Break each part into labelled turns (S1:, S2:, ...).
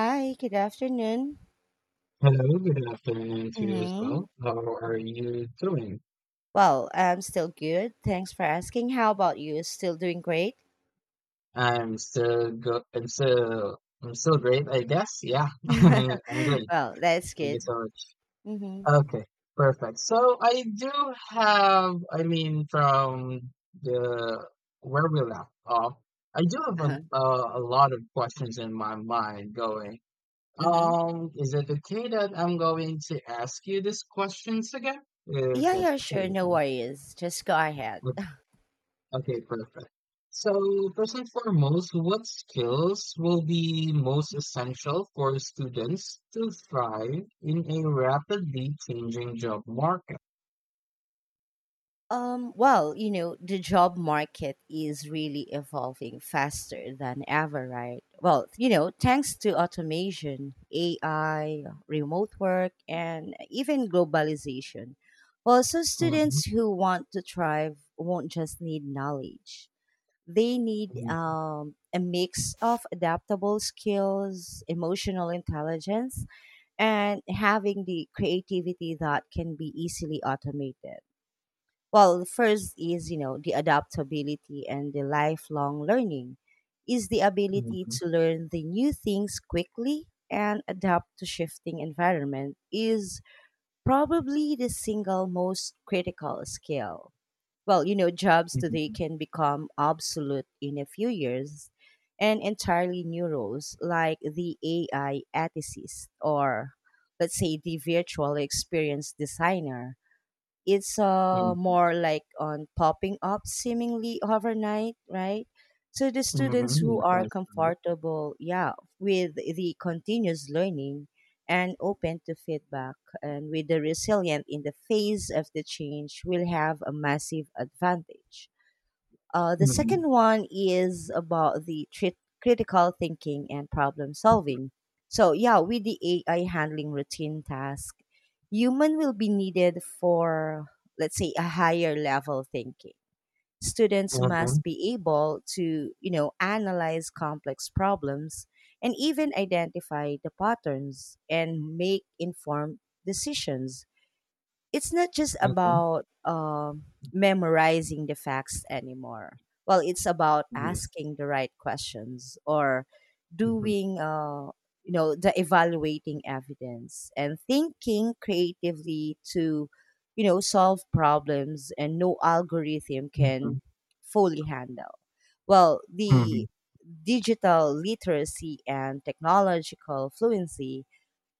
S1: Hi, good afternoon.
S2: Hello, good afternoon to you as
S1: Mm-hmm.
S2: well. How are you doing?
S1: Well, I'm still good. Thanks for asking. How about you? Still doing great?
S2: I'm still great, I guess. Yeah, I'm great.
S1: Well, that's
S2: Thank you
S1: good.
S2: so
S1: Mm-hmm.
S2: much. Okay, perfect. So I do have, I mean, from the where we left off, I do have
S1: Uh-huh.
S2: a lot of questions in my mind going.
S1: Mm-hmm.
S2: Is it okay that I'm going to ask you these questions again? If
S1: Yeah,
S2: that's
S1: yeah,
S2: okay
S1: sure.
S2: with
S1: No
S2: you.
S1: worries. Just go ahead.
S2: Okay, perfect. So, first and foremost, what skills will be most essential for students to thrive in a rapidly changing job market?
S1: Well, you know, the job market is really evolving faster than ever, right? Well, you know, thanks to automation, AI, remote work, and even globalization. Well, so
S2: Mhm,
S1: students who want to thrive won't just need knowledge. They need
S2: mhm,
S1: a mix of adaptable skills, emotional intelligence, and having the creativity that can be easily automated. Well, first is, you know, the adaptability and the lifelong learning is the ability
S2: mhm,
S1: to learn the new things quickly and adapt to shifting environment is probably the single most critical skill. Well, you know, jobs today can become obsolete in a few years and entirely new roles like the AI ethicist or let's say the virtual experience designer, it's
S2: mhm,
S1: more like on popping up seemingly overnight, right? So the students
S2: mhm, Yeah,
S1: who are
S2: that's correct.
S1: comfortable, yeah, with the continuous learning and open to feedback and with the resilient in the face of the change will have a massive advantage. The
S2: Mhm,
S1: second one is about the critical thinking and problem solving. So, yeah, with the AI handling routine task, human will be needed for, let's say, a higher level thinking. Students
S2: mhm,
S1: must be able to, you know, analyze complex problems and even identify the patterns and make informed decisions. It's not just
S2: mhm,
S1: about memorizing the facts anymore. Well, it's about
S2: Yes.
S1: asking the right questions or
S2: Mhm,
S1: doing, you know, the evaluating evidence and thinking creatively to, you know, solve problems and no algorithm
S2: mhm,
S1: can fully handle. Well, the digital literacy and technological fluency,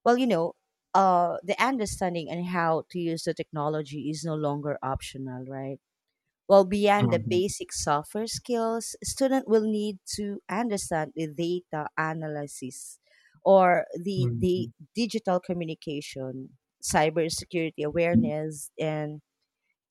S1: well, you know, the understanding and how to use the technology is no longer optional, right? Well, beyond the
S2: mhm,
S1: basic software skills, student will need to understand the data analysis or the
S2: mhm,
S1: digital communication, cybersecurity
S2: mhm,
S1: awareness, and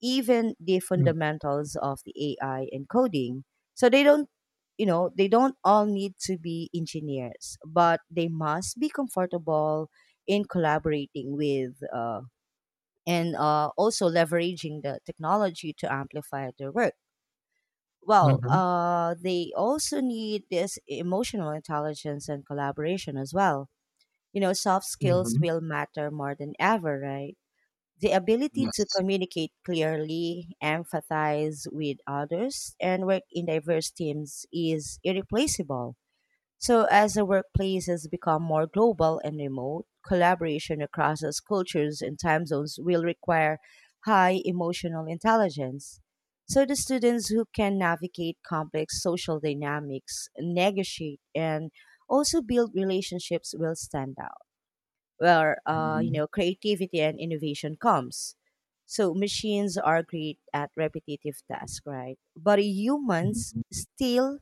S1: even the fundamentals of the AI and coding. So they don't, you know, they don't all need to be engineers, but they must be comfortable in collaborating with and also leveraging the technology to amplify their work. Well,
S2: mhm,
S1: they also need this emotional intelligence and collaboration as well. You know, soft
S2: mhm,
S1: skills
S2: mhm,
S1: will matter more than ever, right? The ability to
S2: Yes.
S1: communicate clearly, empathize with others, and work in diverse teams is irreplaceable. So, as the workplace has become more global and remote, collaboration across those cultures and time zones will require high emotional intelligence. So, the students who can navigate complex social dynamics, negotiate, and also build relationships will stand out where you
S2: Mhm,
S1: know, creativity and innovation comes. So machines are great at repetitive tasks, right? But humans
S2: mhm,
S1: still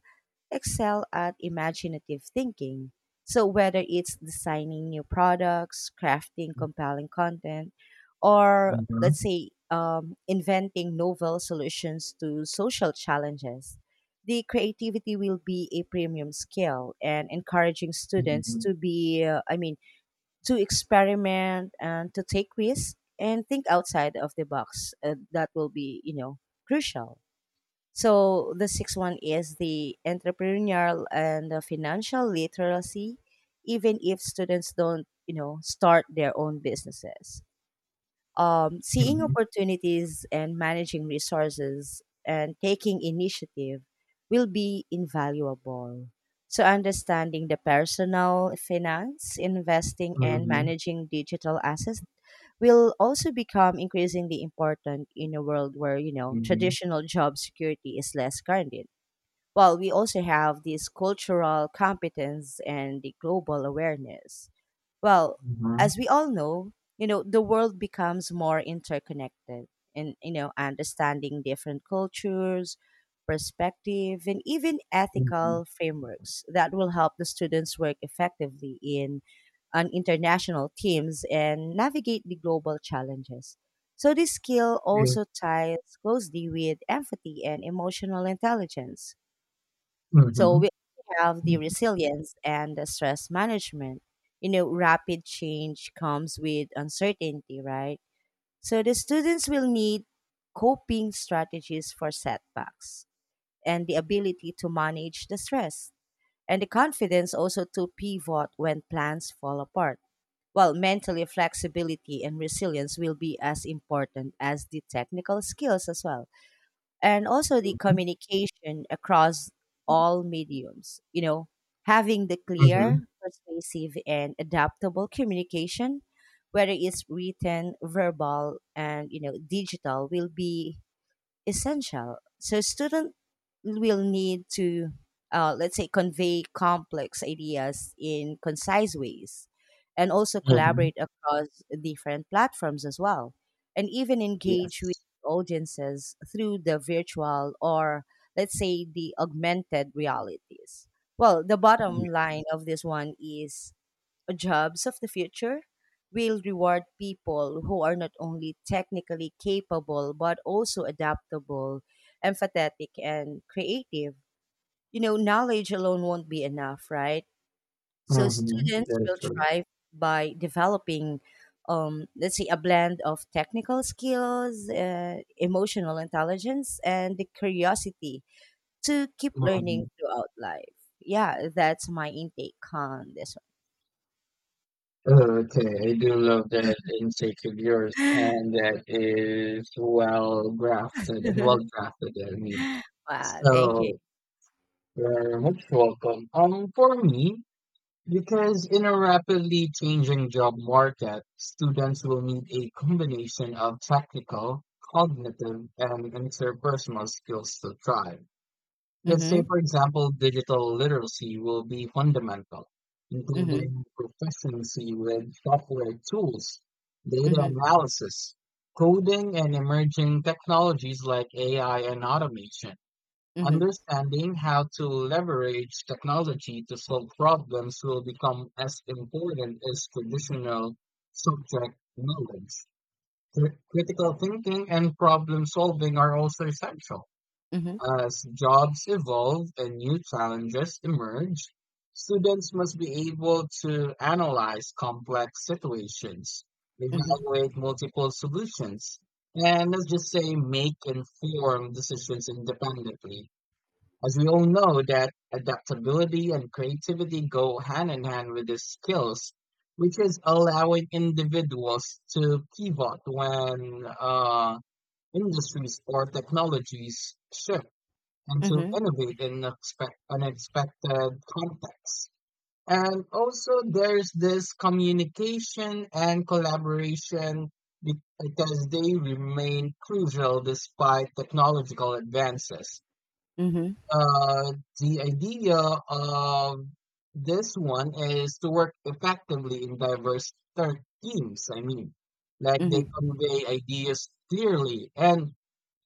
S1: excel at imaginative thinking. So whether it's designing new products, crafting
S2: mhm,
S1: compelling content, or let's say inventing novel solutions to social challenges, the creativity will be a premium skill and encouraging students
S2: mhm,
S1: to be, to experiment and to take risks and think outside of the box. That will be, you know, crucial. So the sixth one is the entrepreneurial and the financial literacy, even if students don't, you know, start their own businesses, seeing
S2: mhm,
S1: opportunities and managing resources and taking initiative will be invaluable. So, understanding the personal finance, investing, and
S2: mhm.
S1: managing digital assets will also become increasingly important in a world where, you know,
S2: Mhm.
S1: traditional job security is less guaranteed. Well, we also have this cultural competence and the global awareness, well,
S2: Mhm.
S1: as we all know, you know, the world becomes more interconnected, and you know, understanding different cultures, perspective, and even
S2: Mhm.
S1: ethical frameworks that will help the students work effectively in on international teams and navigate the global challenges. So this skill
S2: Yeah.
S1: also ties closely with empathy and emotional intelligence. So
S2: Mhm.
S1: we also have the
S2: Mhm.
S1: resilience and the stress management. You know, rapid change comes with uncertainty, right? So the students will need coping strategies for setbacks and the ability to manage the stress and the confidence also to pivot when plans fall apart. While mentally flexibility and resilience will be as important as the technical skills as well, and also the communication across all mediums. You know, having the
S2: Mhm.
S1: clear, persuasive, and adaptable communication, whether it's written, verbal, and you know, digital, will be essential. So student will need to, let's say, convey complex ideas in concise ways and also
S2: Mhm.
S1: collaborate across different platforms as well and even engage with
S2: Yes.
S1: audiences through the virtual or let's say the augmented realities. Well, the bottom
S2: Yeah.
S1: line of this one is jobs of the future will reward people who are not only technically capable but also adaptable, empathetic, and creative. You know, knowledge alone won't be enough, right? So
S2: Mhm.
S1: students
S2: That is
S1: will
S2: true.
S1: thrive by developing, let's say, a blend of technical skills, emotional intelligence, and the curiosity to keep
S2: Mhm.
S1: learning throughout life. Yeah, that's my intake on this
S2: Okay, I do love that intake of yours,
S1: one.
S2: and that is well grafted and well drafted. I mean,
S1: Wow, thank you.
S2: so you're much welcome. For me, because in a rapidly changing job market, students will need a combination of technical, cognitive, and interpersonal skills to thrive. Let's say,
S1: Mhm,
S2: for example, digital literacy will be fundamental,
S1: mhm,
S2: including proficiency with software tools, data
S1: mhm,
S2: analysis, coding, and emerging technologies like AI and automation.
S1: mhm,
S2: Understanding how to leverage technology to solve problems will become as important as traditional subject knowledge. Critical thinking and problem solving are also essential.
S1: mhm,
S2: As jobs evolve and new challenges emerge, students must be able to analyze complex situations,
S1: mhm,
S2: evaluate multiple solutions, and let's just say make informed decisions independently. As we all know that adaptability and creativity go hand in hand with these skills, which is allowing individuals to pivot when industries or technologies shift and to
S1: mhm,
S2: innovate in expect unexpected contexts. And also there's this communication and collaboration because they remain crucial despite technological advances.
S1: mhm,
S2: Uh, the idea of this one is to work effectively in diverse teams. I mean, like they
S1: mhm,
S2: convey ideas clearly and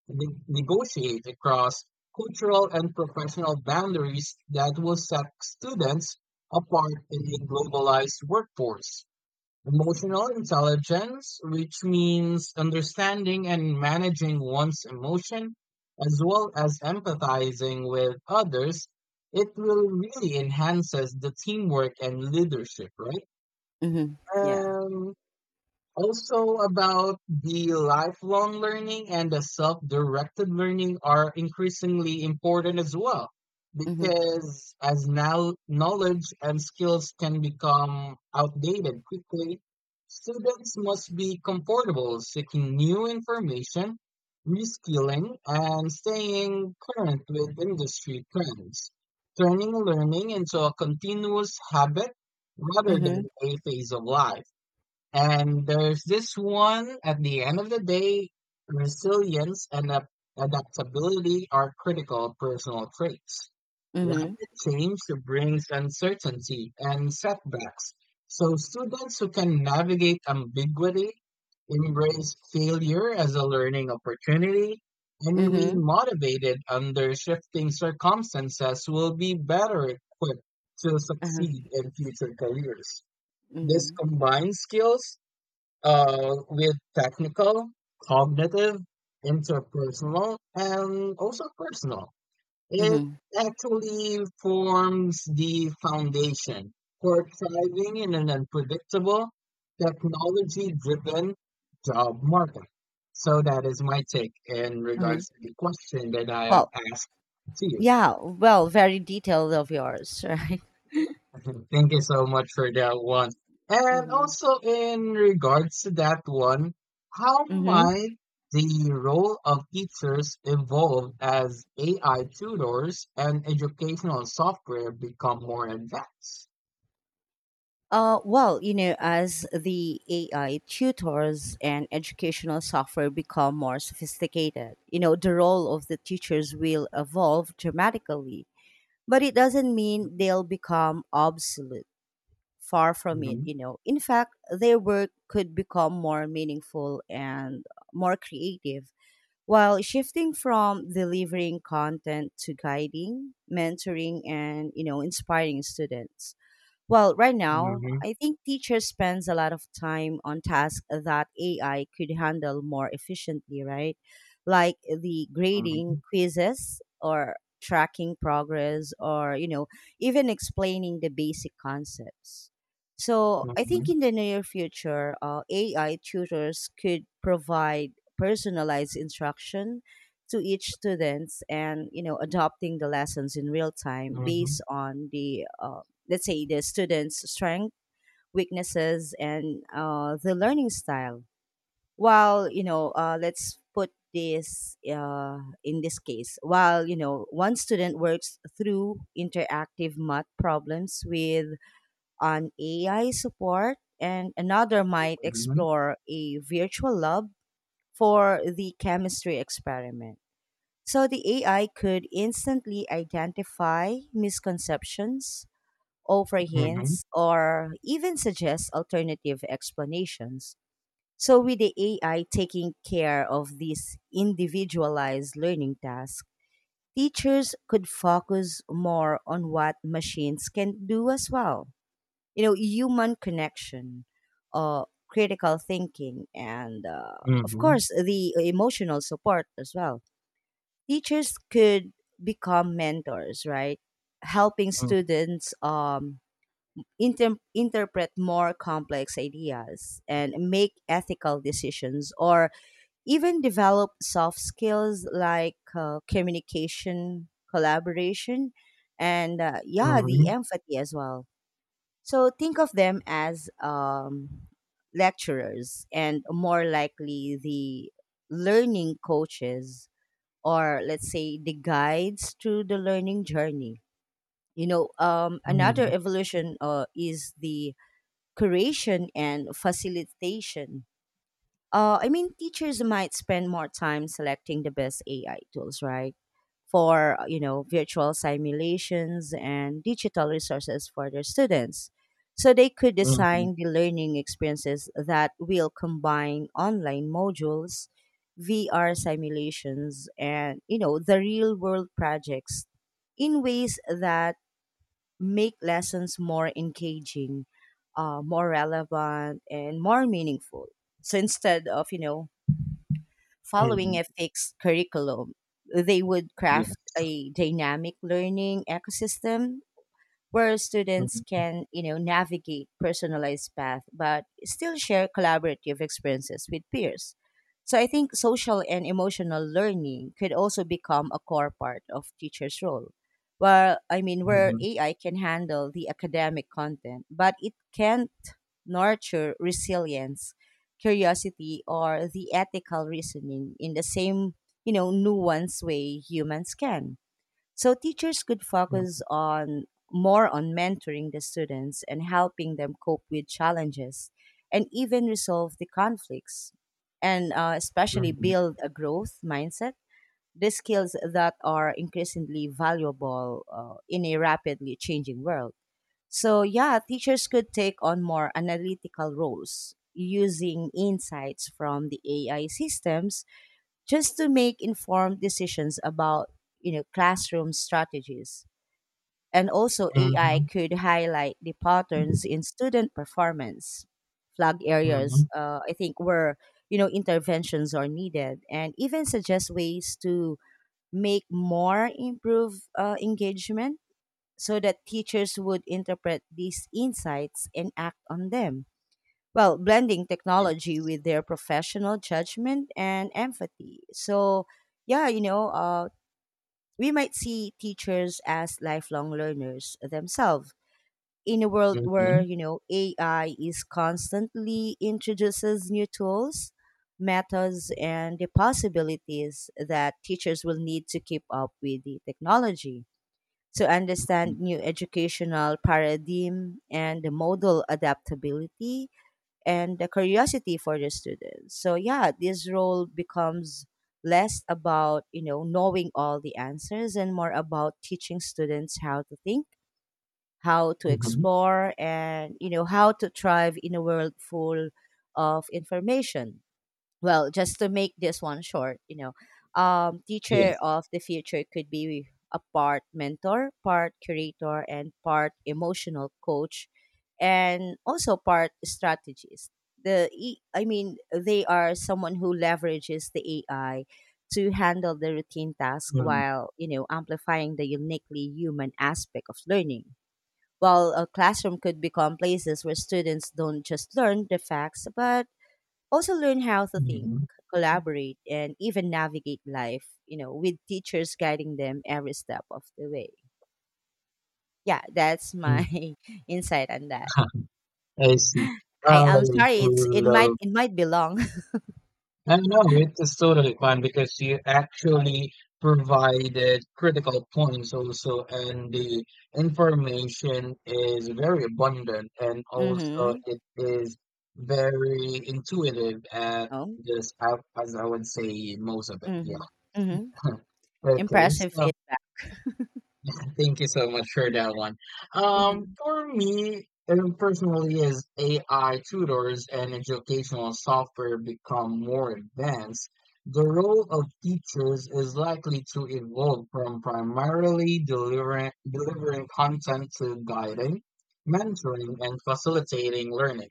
S2: negotiate across cultural and professional boundaries that will set students apart in a globalized workforce.
S1: mhm,
S2: Emotional intelligence, which means understanding and managing one's emotion, as well as empathizing with others, it will really enhances the teamwork and leadership, right?
S1: mhm, yeah,
S2: Um, also about the lifelong learning and the self-directed learning are increasingly important as well
S1: mhm,
S2: because as now knowledge and skills can become outdated quickly, students must be comfortable seeking new information, reskilling, and staying current with industry trends, turning learning into a continuous habit rather than
S1: mhm,
S2: a phase of life. And there's this one at the end of the day, resilience and adaptability are critical personal traits.
S1: mhm,
S2: Rapid change brings uncertainty and setbacks. So students who can navigate ambiguity, embrace failure as a learning opportunity, and remain
S1: mhm,
S2: motivated under shifting circumstances will be better equipped to
S1: uh-huh,
S2: succeed in future careers. This
S1: mhm,
S2: combined skills with technical, cognitive, interpersonal, and also personal. It
S1: mhm,
S2: actually forms the foundation for thriving in an unpredictable, technology driven job market. So, that is my take in
S1: mhm.
S2: regards to the question that I have
S1: Well,
S2: asked to you.
S1: yeah, well, very detailed of yours, right?
S2: Thank you so much for that one. And
S1: Mm-hmm.
S2: also in regards to that one, how
S1: Mm-hmm.
S2: might the role of teachers evolve as AI tutors and educational software become more advanced?
S1: Well, you know, as the AI tutors and educational software become more sophisticated, you know, the role of the teachers will evolve dramatically, but it doesn't mean
S2: Mhm,
S1: they'll become obsolete. Far from it,
S2: mhm,
S1: you know. In fact, their work could become more meaningful and more creative. While shifting from delivering content to guiding, mentoring, and you know, inspiring students. Well, right now,
S2: mhm,
S1: I think teachers spends a lot of time on tasks that AI could handle more efficiently, right? Like the grading
S2: mhm,
S1: quizzes or tracking progress or, you know, even explaining the basic concepts. So, I think
S2: mhm,
S1: in the near future, AI tutors could provide personalized instruction to each students, and you know adopting the lessons in real time
S2: mhm,
S1: based on the let's say the students' strengths, weaknesses, and the learning style. While you know, let's put this in this case. While you know, one student works through interactive math problems with an AI support, and another might explore a virtual lab for the chemistry experiment. So the AI could instantly identify misconceptions, offer
S2: mhm, mhm,
S1: hints, or even suggest alternative explanations. So, with the AI taking care of these individualized learning tasks, teachers could focus more on what machines can do as well. You know, human connection, critical thinking, and of
S2: mhm,
S1: course, the emotional support as well. Teachers could become mentors, right? Helping students interpret more complex ideas and make ethical decisions or even develop soft skills like communication, collaboration, and yeah, the empathy as well. So think of them as lecturers and more likely the learning coaches or let's say the guides through the learning journey. You know,
S2: mhm,
S1: another
S2: mhm,
S1: evolution is the curation and facilitation. Teachers might spend more time selecting the best AI tools, right? For, you know, virtual simulations and digital resources for their students. So they could
S2: mhm,
S1: design the learning experiences that will combine online modules, VR simulations, and, you know, the real world projects in ways that make lessons more engaging, more relevant, and more meaningful. So instead of, you know, following
S2: mhm.
S1: a fixed curriculum, they would craft
S2: Yes.
S1: a dynamic learning ecosystem where students
S2: Mhm,
S1: can, you know, navigate personalized path but still share collaborative experiences with peers. So I think social and emotional learning could also become a core part of teachers' role. Well, I mean, where
S2: mhm,
S1: AI can handle the academic content, but it can't nurture resilience, curiosity, or the ethical reasoning in the same, you know, nuanced way humans can. So teachers could focus
S2: mhm,
S1: on more on mentoring the students and helping them cope with challenges and even resolve the conflicts, and especially
S2: mhm,
S1: build a growth mindset, the skills that are increasingly valuable in a rapidly changing world. So yeah, teachers could take on more analytical roles using insights from the AI systems just to make informed decisions about, you know, classroom strategies, and also AI could highlight the patterns in student performance, flag
S2: mhm,
S1: areas
S2: mhm.
S1: I think where, you know, interventions are needed and even suggest ways to make more improve engagement, so that teachers would interpret these insights and act on them, well, blending technology
S2: Yes.
S1: with their professional judgment and empathy. So, yeah, you know, we might see teachers as lifelong learners themselves in a world where,
S2: Mhm.
S1: you know, AI is constantly introduces new tools, methods, and the possibilities that teachers will need to keep up with the technology. To
S2: Mm,
S1: understand new educational paradigm and the modal adaptability, and the curiosity for the students. So yeah, this role becomes less about, knowing all the answers and more about teaching students how to think, how to
S2: mhm.
S1: explore and, how to thrive in a world full of information. Just to make this one short, teacher
S2: Yes.
S1: of the future could be a part mentor, part curator, and part emotional coach, and also part strategist. They are someone who leverages the AI to handle the routine task
S2: Mm,
S1: while amplifying the uniquely human aspect of learning. While a classroom could become places where students don't just learn the facts, but also learn how to think,
S2: mhm.
S1: collaborate, and even navigate life, you know, with teachers guiding them every step of the way. Yeah, that's
S2: Mm.
S1: my insight on that.
S2: I see.
S1: I am
S2: I do
S1: sorry, it's it might
S2: love.
S1: it might be long.
S2: I know it is totally fine because you actually provided critical points also, and the information is very abundant, and also
S1: Mm-hmm.
S2: it is very intuitive at
S1: Oh.
S2: this, as I would say, most of it.
S1: Mm-hmm.
S2: Yeah.
S1: Mm-hmm.
S2: Okay.
S1: Impressive
S2: So.
S1: feedback.
S2: Thank you so much for that one. Um,
S1: Mm-hmm.
S2: for me, and personally, as AI tutors and educational software become more advanced, the role of teachers is likely to evolve from primarily delivering content to guiding, mentoring, and facilitating learning,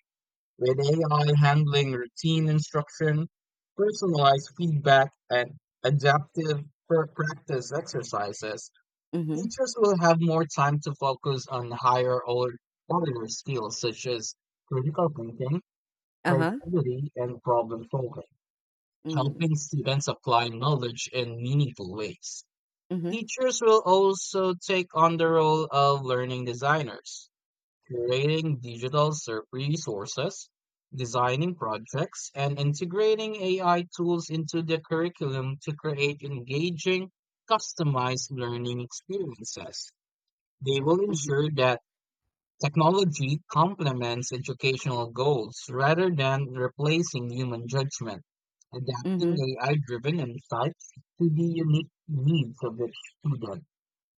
S2: with AI handling routine instruction, personalized feedback, and adaptive practice exercises.
S1: Mm-hmm.
S2: Teachers will have more time to focus on higher or order skills such as critical thinking,
S1: Uh-huh.
S2: creativity, and problem solving,
S1: Mm-hmm.
S2: helping students apply knowledge in meaningful ways.
S1: Mm-hmm.
S2: Teachers will also take on the role of learning designers, curating digital resources, designing projects, and integrating AI tools into the curriculum to create engaging, customized learning experiences. They will
S1: Mm-hmm.
S2: ensure that technology complements educational goals rather than replacing human judgment, adapting
S1: Mm-hmm.
S2: AI-driven insights to the unique needs of each student.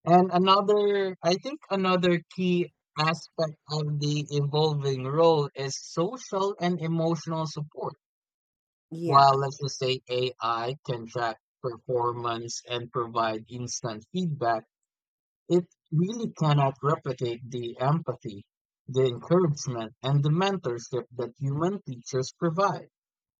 S2: And another, I think another key aspect of the evolving role is social and emotional support. While
S1: Yeah.
S2: let's just say AI can track performance and provide instant feedback, it really cannot replicate the empathy, the encouragement, and the mentorship that human teachers provide.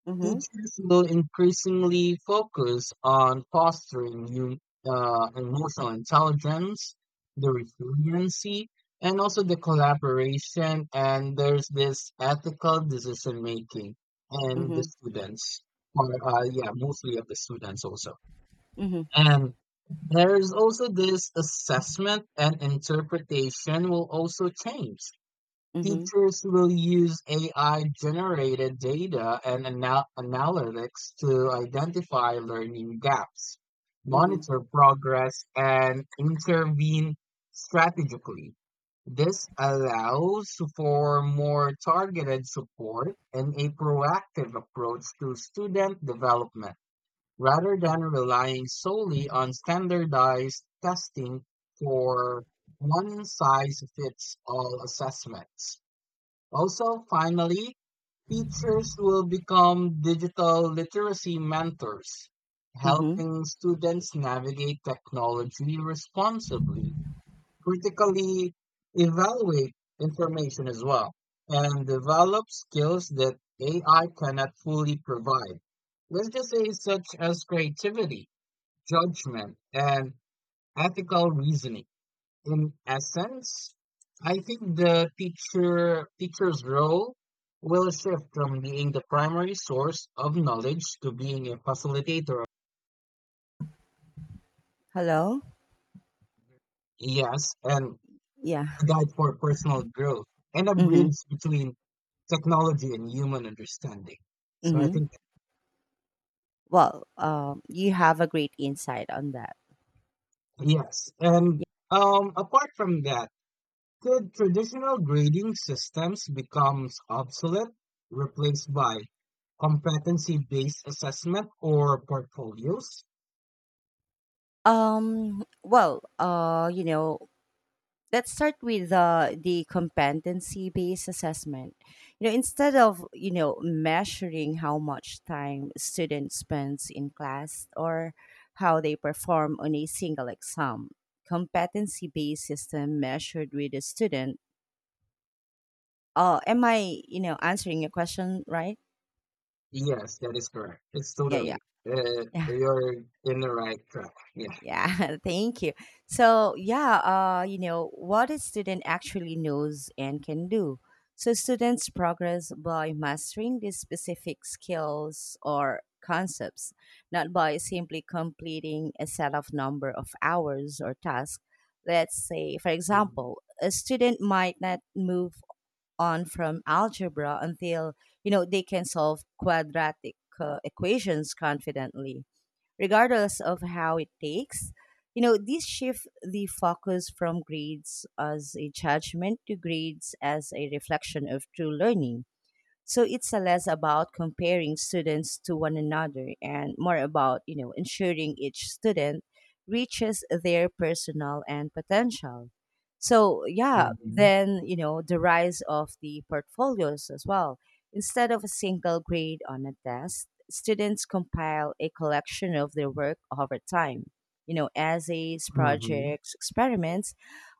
S1: Mm-hmm.
S2: Teachers will increasingly focus on fostering emotional intelligence, the resiliency, and also the collaboration. And there's this ethical decision making and the
S1: Mm-hmm.
S2: students, or yeah, mostly of the students also.
S1: Mm-hmm.
S2: And there is also this assessment and interpretation will also change.
S1: Mm-hmm.
S2: Teachers will use AI generated data and analytics to identify learning gaps,
S1: Mm-hmm.
S2: monitor progress, and intervene strategically. This allows for more targeted support and a proactive approach to student development rather than relying solely on standardized testing for one size fits all assessments. Also, finally, teachers will become digital literacy mentors,
S1: Mm-hmm.
S2: helping students navigate technology responsibly, critically evaluate information as well, and develop skills that AI cannot fully provide. Let's just say such as creativity, judgment, and ethical reasoning. In essence, I think the teacher's role will shift from being the primary source of knowledge to being a facilitator,
S1: Hello?
S2: yes, and
S1: Yeah.
S2: a guide for personal growth and a
S1: Mm-hmm.
S2: bridge between technology and human understanding. So I
S1: Mm-hmm.
S2: think
S1: Well, you have a great insight on that.
S2: yes. And apart from that, could traditional grading systems becomes obsolete, replaced by competency-based assessment or portfolios?
S1: Um, well, uh, you know, let's start with the competency based assessment. You know, instead of, measuring how much time students spends in class or how they perform on a single exam, competency based system measured with a student. Am I, you know, answering your question right?
S2: Yes, that is correct. It's
S1: Yeah.
S2: totally you're in the right track. Yeah.
S1: Yeah, thank you. So, yeah, what a student actually knows and can do. So, students progress by mastering these specific skills or concepts, not by simply completing a set of number of hours or tasks. Let's say, for example, a student might not move on from algebra until, you know, they can solve quadratic equations confidently regardless of how it takes. You know, this shift the focus from grades as a judgment to grades as a reflection of true learning, so it's a less about comparing students to one another and more about, you know, ensuring each student reaches their personal and potential. So yeah,
S2: Mm-hmm.
S1: then, the rise of the portfolios as well. Instead of a single grade on a test, students compile a collection of their work over time. You know, essays,
S2: Mm-hmm.
S1: projects, experiments,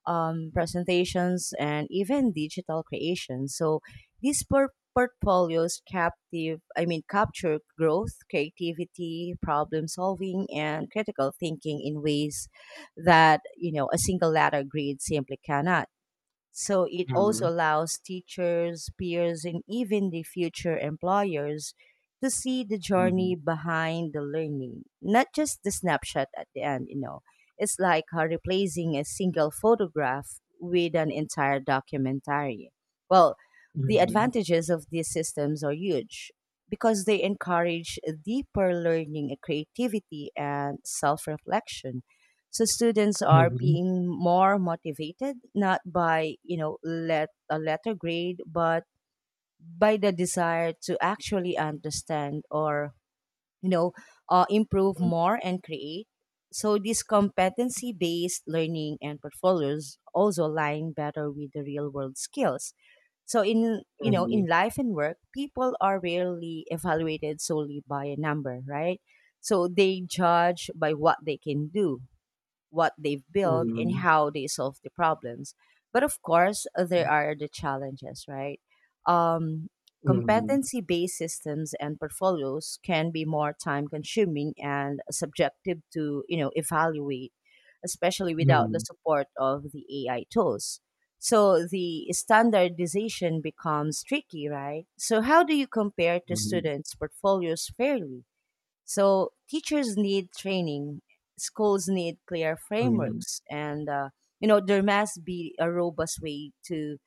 S1: presentations, and even digital creations. So these por- portfolios captive I mean capture growth, creativity, problem solving and critical thinking in ways that a single letter grade simply cannot. So it also
S2: Mm-hmm.
S1: allows teachers, peers, and even the future employers to see the
S2: Mm-hmm.
S1: journey behind the learning, not just the snapshot at the end, you know. It's like replacing a single photograph with an entire documentary. Well, the
S2: Mm-hmm.
S1: advantages of these systems are huge because they encourage deeper learning, creativity, and self reflection, so students are
S2: Mm-hmm.
S1: being more motivated not by let a letter grade, but by the desire to actually understand or you know improve more and create. So this competency based learning and portfolios also align better with the real world skills. So in
S2: Mm-hmm.
S1: in life and work, people are rarely evaluated solely by a number, right? So they judge by what they can do, what they've built
S2: Mm-hmm.
S1: and
S2: Mm-hmm.
S1: how they solve the problems. But of course, there are the challenges, right? Um,
S2: Mm-hmm.
S1: Competency based systems and portfolios can be more time consuming and subjective to evaluate, especially without the
S2: Mm-hmm.
S1: support of the ai tools. So the standardization becomes tricky, right? So how do you compare to
S2: Mm-hmm.
S1: students portfolios fairly? So teachers need training, schools need clear
S2: Mhm,
S1: frameworks, and you know there must be a robust way to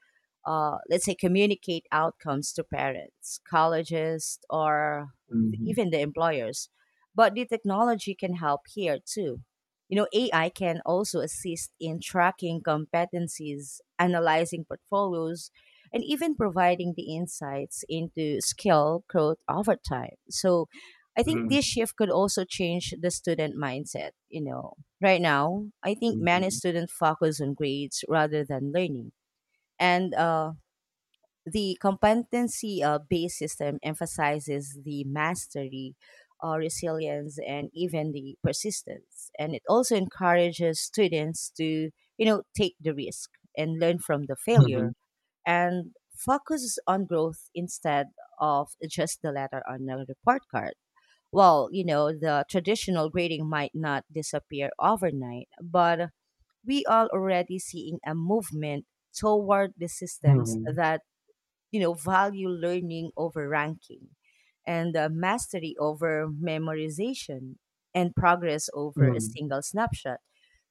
S1: let's say communicate outcomes to parents, colleges, or
S2: mhm,
S1: even the employers. But the technology can help here too. You know, AI can also assist in tracking competencies, analyzing portfolios, and even providing the insights into skill growth over time. So I think this
S2: mhm,
S1: shift could also change the student mindset. You know, right now, I think many
S2: mhm,
S1: students focus on grades rather than learning, and the competency based system emphasizes the mastery, resilience, and even the persistence. And it also encourages students to, you know, take the risk and learn from the failure
S2: mhm,
S1: and focuses on growth instead of just the letter on a report card. Well, you know, the traditional grading might not disappear overnight, but we are already seeing a movement toward the systems
S2: mhm,
S1: that value learning over ranking and mastery over memorization and progress over a
S2: mhm,
S1: single snapshot.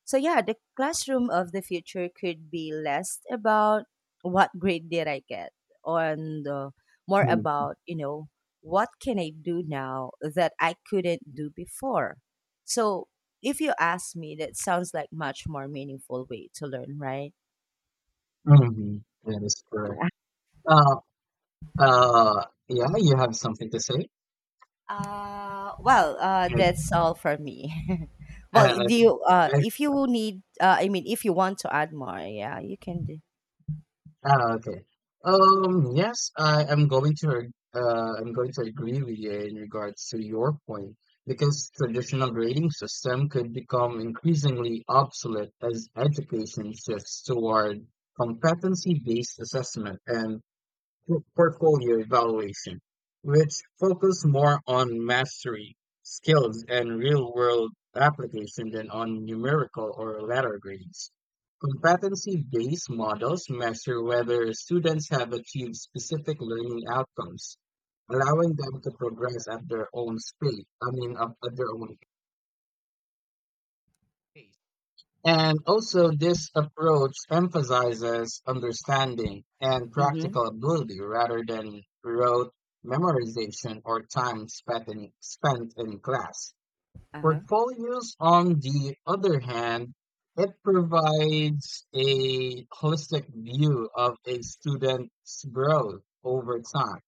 S1: So yeah, the classroom of the future could be less about what grade did I get, and more
S2: mhm,
S1: about what can I do now that I couldn't do before. So if you ask me, that sounds like much more meaningful way to learn, right?
S2: mhm. That is correct. Uh, yeah, you have something to say? Uh,
S1: That's all for me. Well, do
S2: okay.
S1: you,
S2: I-
S1: if you need, if you want to add more, yeah, you can do.
S2: okay. Yes, I am going to agree with you in regards to your point because traditional grading system could become increasingly obsolete as education shifts toward competency-based assessment and portfolio evaluation, which focus more on mastery, skills, and real-world application than on numerical or letter grades. Competency-based models measure whether students have achieved specific learning outcomes, allowing them to progress at their own speed, I mean, at their own pace. And also, this approach emphasizes understanding and
S1: Mm-hmm.
S2: practical ability rather than rote memorization or time spent in class.
S1: Uh-huh.
S2: Portfolios, on the other hand, it provides a holistic view of a student's growth over time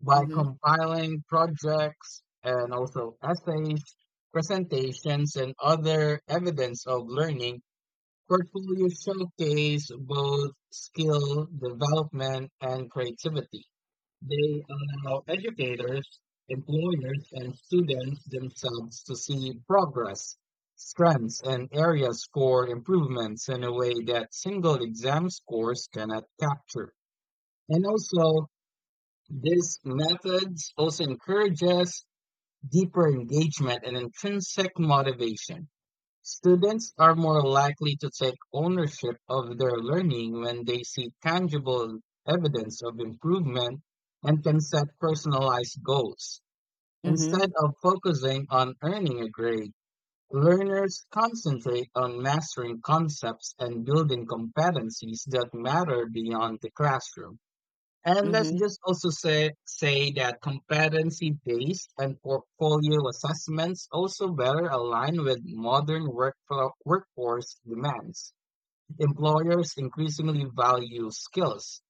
S2: by
S1: Mm-hmm.
S2: compiling projects and also essays, presentations, and other evidence of learning. Portfolio showcase both skill development and creativity. They allow educators, employers, and students themselves to see progress, strengths, and areas for improvements in a way that single exam scores cannot capture. And also, this methods also encourages deeper engagement and intrinsic motivation. Students are more likely to take ownership of their learning when they see tangible evidence of improvement and can set personalized goals.
S1: Mm-hmm.
S2: Instead of focusing on earning a grade, learners concentrate on mastering concepts and building competencies that matter beyond the classroom. And let's
S1: Mm-hmm.
S2: just also say that competency-based and portfolio assessments also better align with modern workforce demands. Employers increasingly value skills,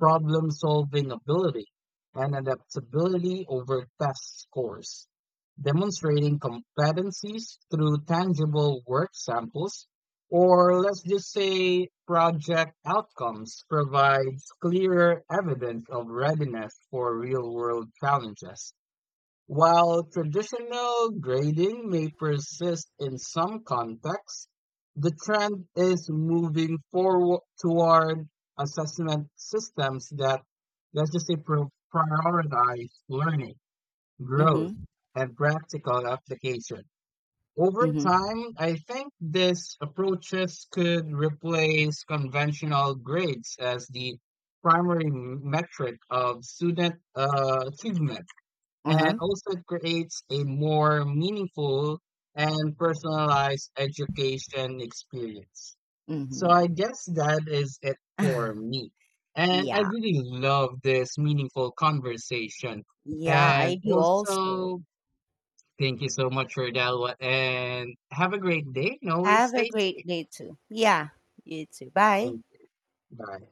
S2: problem-solving ability, and adaptability over test scores, demonstrating competencies through tangible work samples, or let's just say project outcomes provides clearer evidence of readiness for real-world challenges. While traditional grading may persist in some contexts, the trend is moving forward toward assessment systems that, let's just say, prioritize learning, growth,
S1: Mm-hmm.
S2: and practical application. Over
S1: Mm-hmm.
S2: time, I think these approaches could replace conventional grades as the primary metric of student achievement, and
S1: Uh-huh.
S2: also it creates a more meaningful and personalized education experience. So
S1: Mm-hmm.
S2: I guess that is it for me. And I
S1: Yeah.
S2: really love this meaningful conversation.
S1: Yeah,
S2: And
S1: I do also.
S2: also, thank you so much for that. And have a great day. And always
S1: Have a
S2: stay safe.
S1: great day too. Yeah, you too. Bye.
S2: Thank you. Bye.